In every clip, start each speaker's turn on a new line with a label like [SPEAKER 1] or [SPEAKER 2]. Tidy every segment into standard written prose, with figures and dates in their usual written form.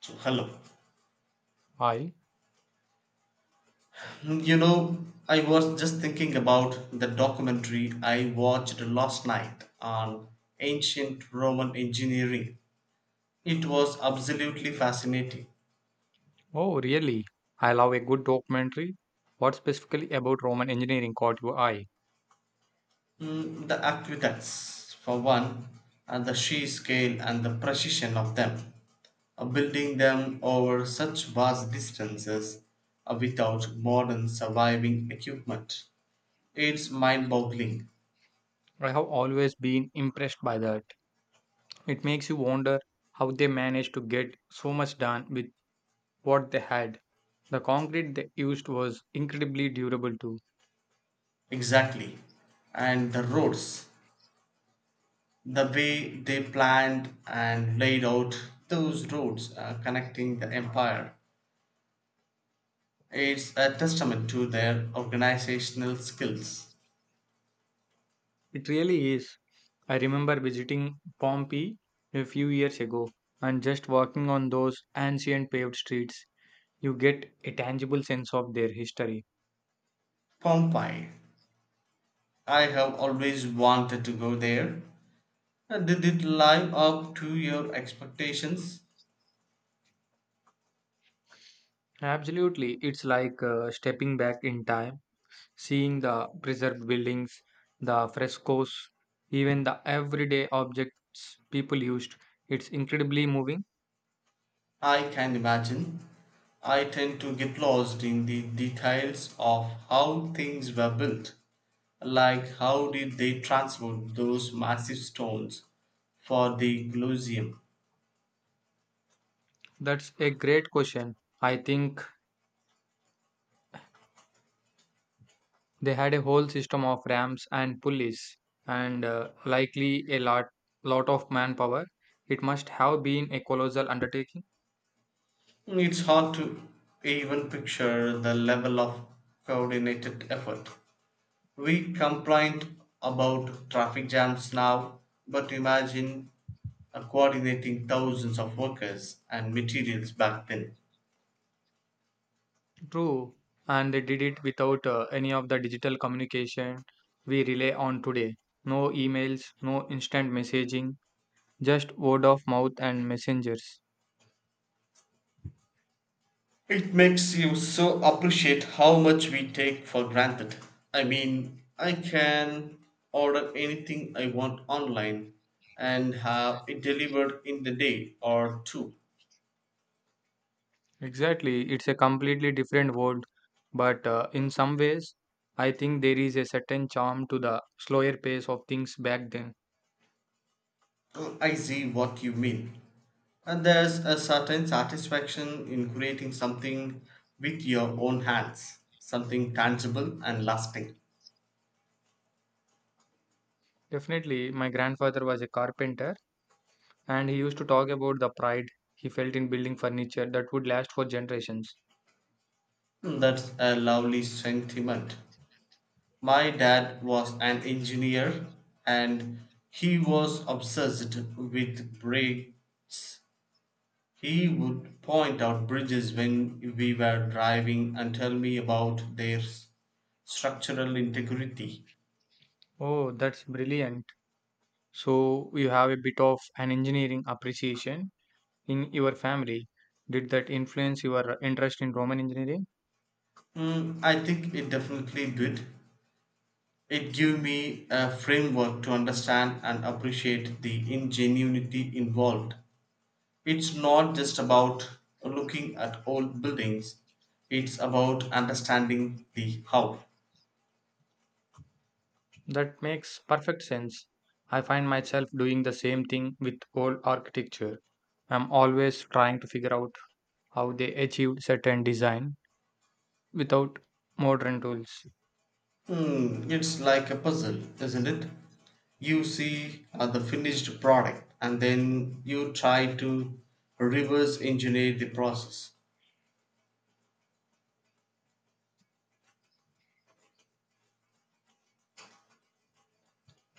[SPEAKER 1] So, hello.
[SPEAKER 2] I?
[SPEAKER 1] I was just thinking about the documentary I watched last night on ancient Roman engineering. It was absolutely fascinating.
[SPEAKER 2] Oh, really? I love a good documentary. What specifically about Roman engineering caught your eye?
[SPEAKER 1] The aqueducts, for one, and the sheer scale and the precision of them, building them over such vast distances without modern surviving equipment. It's mind boggling.
[SPEAKER 2] I have always been impressed by that. It makes you wonder how they managed to get so much done with what they had. The concrete they used was incredibly durable too.
[SPEAKER 1] Exactly. And the roads. The way they planned and laid out those roads, connecting the empire. It's a testament to their organizational skills.
[SPEAKER 2] It really is. I remember visiting Pompeii a few years ago and just walking on those ancient paved streets, you get a tangible sense of their history.
[SPEAKER 1] Pompeii. I have always wanted to go there. Did it live up to your expectations?
[SPEAKER 2] Absolutely. It's like stepping back in time, seeing the preserved buildings, the frescoes, even the everyday objects people used. It's incredibly moving.
[SPEAKER 1] I can imagine. I tend to get lost in the details of how things were built. Like, how did they transport those massive stones for the Colosseum?
[SPEAKER 2] That's a great question. I think they had a whole system of ramps and pulleys, and likely a lot of manpower. It must have been a colossal undertaking.
[SPEAKER 1] It's hard to even picture the level of coordinated effort. We complain about traffic jams now, but imagine coordinating thousands of workers and materials back then.
[SPEAKER 2] True, and they did it without any of the digital communication we rely on today. No emails, no instant messaging, just word of mouth and messengers.
[SPEAKER 1] It makes you so appreciate how much we take for granted. I mean, I can order anything I want online and have it delivered in the day or two.
[SPEAKER 2] Exactly, it's a completely different world, but in some ways, I think there is a certain charm to the slower pace of things back then.
[SPEAKER 1] Oh, I see what you mean. And there's a certain satisfaction in creating something with your own hands, something tangible and lasting.
[SPEAKER 2] Definitely, my grandfather was a carpenter and he used to talk about the pride he felt in building furniture that would last for generations.
[SPEAKER 1] Hmm, that's a lovely sentiment. My dad was an engineer and he was obsessed with bridges. He would point out bridges when we were driving and tell me about their structural integrity.
[SPEAKER 2] Oh, that's brilliant. So you have a bit of an engineering appreciation in your family. Did that influence your interest in Roman engineering?
[SPEAKER 1] Mm, I think it definitely did. It gave me a framework to understand and appreciate the ingenuity involved. It's not just about looking at old buildings, it's about understanding the how.
[SPEAKER 2] That makes perfect sense. I find myself doing the same thing with old architecture. I'm always trying to figure out how they achieved certain design without modern tools.
[SPEAKER 1] Hmm, it's like a puzzle, isn't it? You see the finished product and then you try to reverse engineer the process.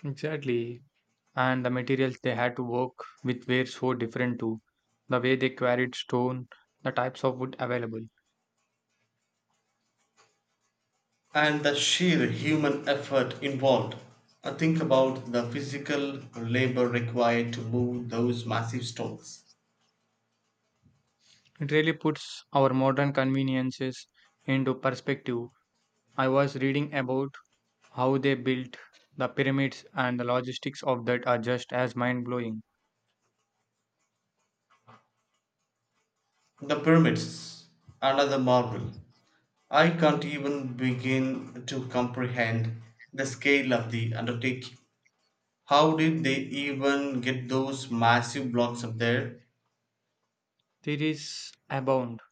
[SPEAKER 2] Exactly. And the materials they had to work with were so different too. The way they quarried stone, the types of wood available.
[SPEAKER 1] And the sheer human effort involved. Think about the physical labor required to move those massive stones.
[SPEAKER 2] It really puts our modern conveniences into perspective. I was reading about how they built the pyramids and the logistics of that are just as mind blowing.
[SPEAKER 1] The pyramids, another marvel. I can't even begin to comprehend the scale of the undertaking. How did they even get those massive blocks up there?
[SPEAKER 2] Theories abound,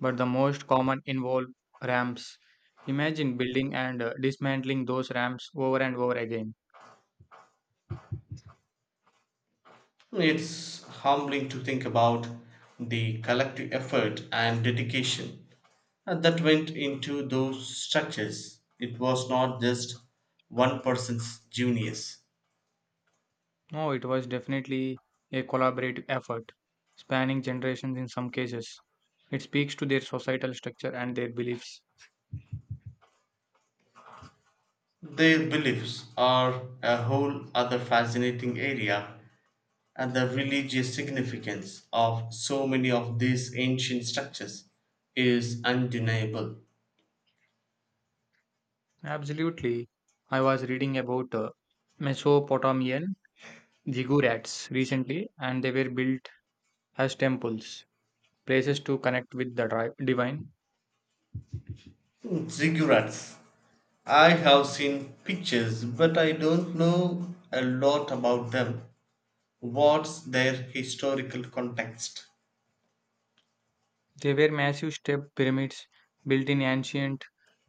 [SPEAKER 2] but the most common involve ramps. Imagine building and dismantling those ramps over and over again.
[SPEAKER 1] It's humbling to think about the collective effort and dedication and that went into those structures. It was not just one person's genius.
[SPEAKER 2] No, it was definitely a collaborative effort, spanning generations in some cases. It speaks to their societal structure and their beliefs.
[SPEAKER 1] Their beliefs are a whole other fascinating area and the religious significance of so many of these ancient structures is undeniable.
[SPEAKER 2] Absolutely. I was reading about Mesopotamian ziggurats recently, and they were built as temples, places to connect with the divine.
[SPEAKER 1] Hmm, Ziggurats. I have seen pictures, but I don't know a lot about them. What's their historical context?
[SPEAKER 2] They were massive step pyramids built in ancient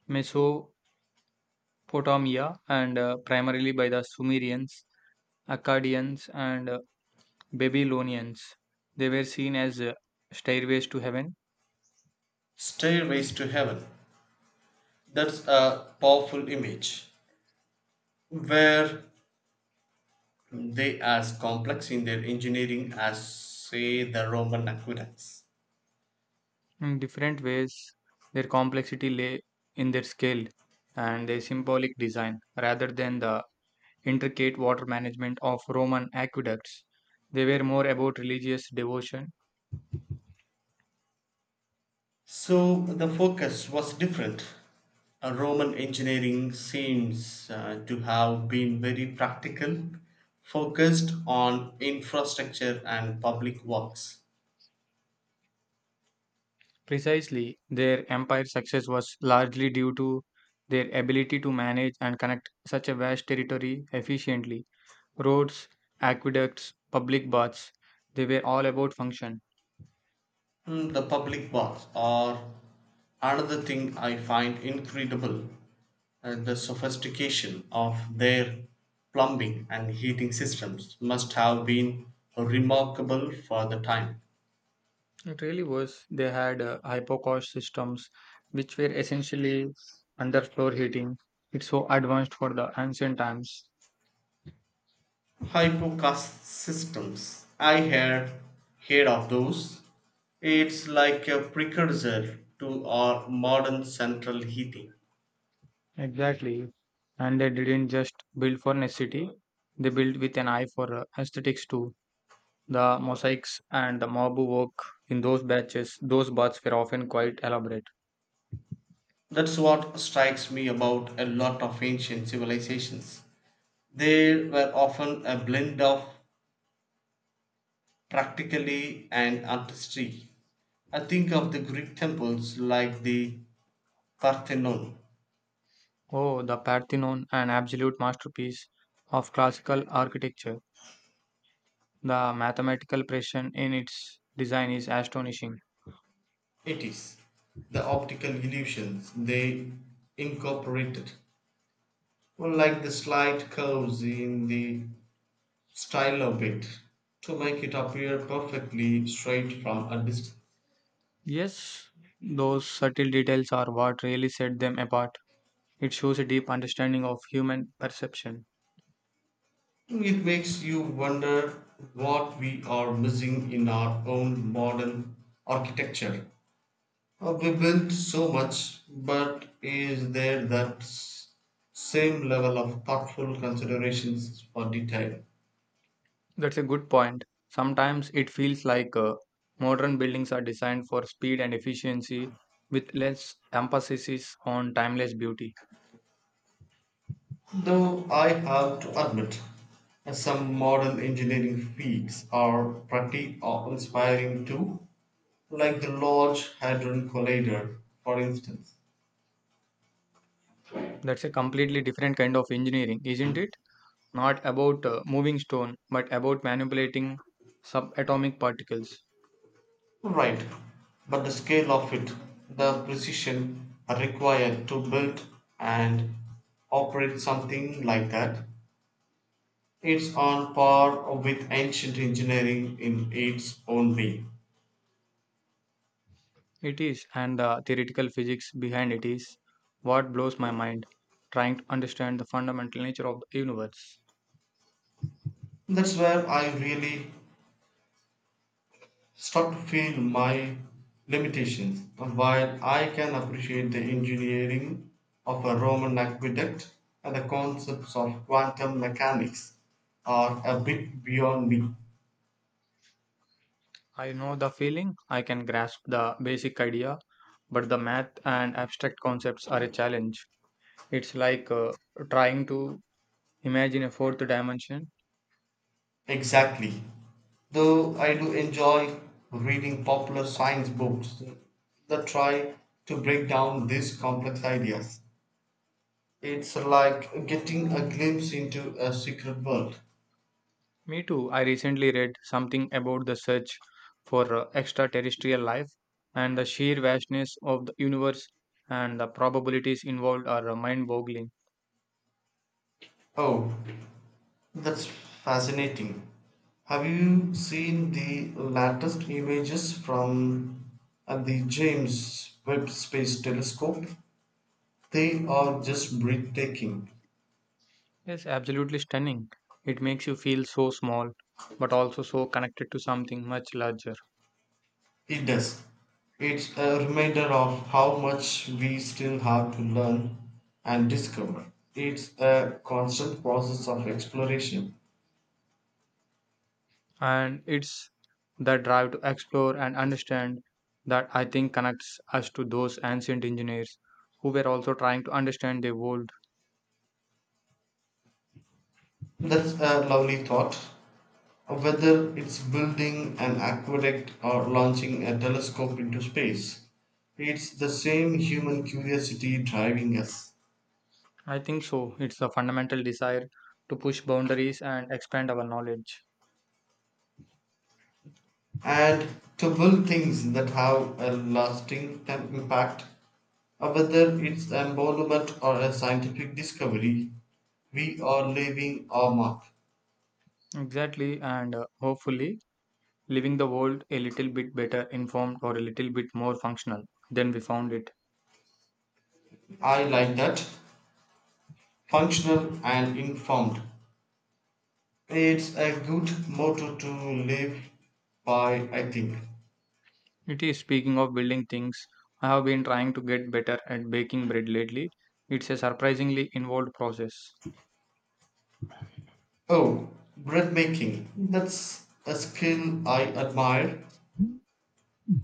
[SPEAKER 2] Mesopotamia and primarily by the Sumerians, Akkadians, and Babylonians. They were seen as stairways to heaven.
[SPEAKER 1] Stairways to Heaven. That's a powerful image, where they as complex in their engineering as say the Roman aqueducts?
[SPEAKER 2] In different ways, their complexity lay in their scale and their symbolic design rather than the intricate water management of Roman aqueducts. They were more about religious devotion.
[SPEAKER 1] So the focus was different. Roman engineering seems to have been very practical, focused on infrastructure and public works.
[SPEAKER 2] Precisely, their empire's success was largely due to their ability to manage and connect such a vast territory efficiently. Roads, aqueducts, public baths, they were all about function.
[SPEAKER 1] Mm, the public works are another thing I find incredible. The sophistication of their plumbing and heating systems must have been remarkable for the time.
[SPEAKER 2] It really was. They had hypocaust systems, which were essentially underfloor heating. It's so advanced for the ancient times.
[SPEAKER 1] Hypocast systems. I had heard of those. It's like a precursor to our modern central heating.
[SPEAKER 2] Exactly. And they didn't just build for necessity, they built with an eye for aesthetics too. The mosaics and the marble work in those batches, those baths were often quite elaborate.
[SPEAKER 1] That's what strikes me about a lot of ancient civilizations. They were often a blend of practically and artistry. I think of the Greek temples like the Parthenon.
[SPEAKER 2] Oh, the Parthenon, an absolute masterpiece of classical architecture. The mathematical precision in its design is astonishing.
[SPEAKER 1] It is the optical illusions they incorporated. Well, like the slight curves in the style of it to make it appear perfectly straight from a distance.
[SPEAKER 2] Yes, those subtle details are what really set them apart. It shows a deep understanding of human perception.
[SPEAKER 1] It makes you wonder what we are missing in our own modern architecture. We built so much, but is there that same level of thoughtful considerations for detail?
[SPEAKER 2] That's a good point. Sometimes it feels like modern buildings are designed for speed and efficiency with less emphasis on timeless beauty.
[SPEAKER 1] Though I have to admit, some modern engineering feats are pretty awe inspiring too, like the Large Hadron Collider, for instance.
[SPEAKER 2] That's a completely different kind of engineering, isn't it? Not about moving stone, but about manipulating subatomic particles.
[SPEAKER 1] Right, but the scale of it, the precision required to build and operate something like that, it's on par with ancient engineering in its own way.
[SPEAKER 2] It is, and the theoretical physics behind it is what blows my mind, trying to understand the fundamental nature of the universe.
[SPEAKER 1] That's where I really start to feel my limitations. While I can appreciate the engineering of a Roman aqueduct and the concepts of quantum mechanics are a bit beyond me.
[SPEAKER 2] I know the feeling, I can grasp the basic idea, but the math and abstract concepts are a challenge. It's like trying to imagine a fourth dimension.
[SPEAKER 1] Exactly. Though I do enjoy reading popular science books that try to break down these complex ideas. It's like getting a glimpse into a secret world.
[SPEAKER 2] Me too, I recently read something about the search for extraterrestrial life, and the sheer vastness of the universe and the probabilities involved are mind boggling.
[SPEAKER 1] Oh, that's fascinating. Have you seen the latest images from the James Webb Space Telescope? They are just breathtaking.
[SPEAKER 2] Yes, absolutely stunning. It makes you feel so small, but also so connected to something much larger.
[SPEAKER 1] It does. It's a reminder of how much we still have to learn and discover. It's a constant process of exploration.
[SPEAKER 2] And it's that drive to explore and understand that I think connects us to those ancient engineers who were also trying to understand the world.
[SPEAKER 1] That's a lovely thought. Whether it's building an aqueduct or launching a telescope into space, it's the same human curiosity driving us.
[SPEAKER 2] I think so. It's a fundamental desire to push boundaries and expand our knowledge.
[SPEAKER 1] And to build things that have a lasting impact, whether it's a monument or a scientific discovery, we are leaving our mark.
[SPEAKER 2] Exactly, and hopefully, leaving the world a little bit better informed or a little bit more functional than we found it.
[SPEAKER 1] I like that. Functional and informed. It's a good motto to live by, I think.
[SPEAKER 2] It is speaking of building things, I have been trying to get better at baking bread lately. It's a surprisingly involved process.
[SPEAKER 1] Oh, bread making, that's a skill I admire.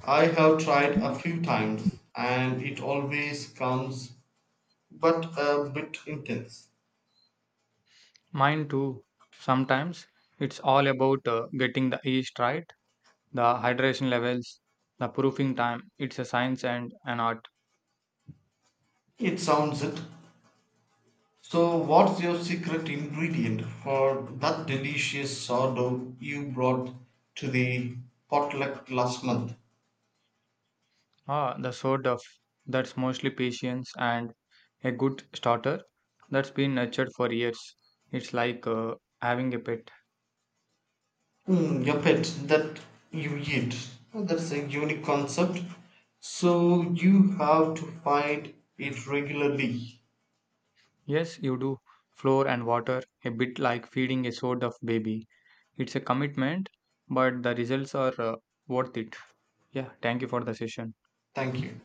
[SPEAKER 1] I have tried a few times and it always comes but a bit intense.
[SPEAKER 2] Mine too. Sometimes it's all about getting the yeast right, the hydration levels, the proofing time. It's a science and an art.
[SPEAKER 1] It sounds it. So, what's your secret ingredient for that delicious sourdough you brought to the potluck last month?
[SPEAKER 2] Ah, the sort of that's mostly patience and a good starter that's been nurtured for years. It's like having a pet.
[SPEAKER 1] Your pet that you eat. Oh, that's a unique concept. So, you have to find it regularly.
[SPEAKER 2] Yes, you do. Floor and water, a bit like feeding a sort of baby. It's a commitment, but the results are worth it. Yeah, thank you for the session.
[SPEAKER 1] Thank you.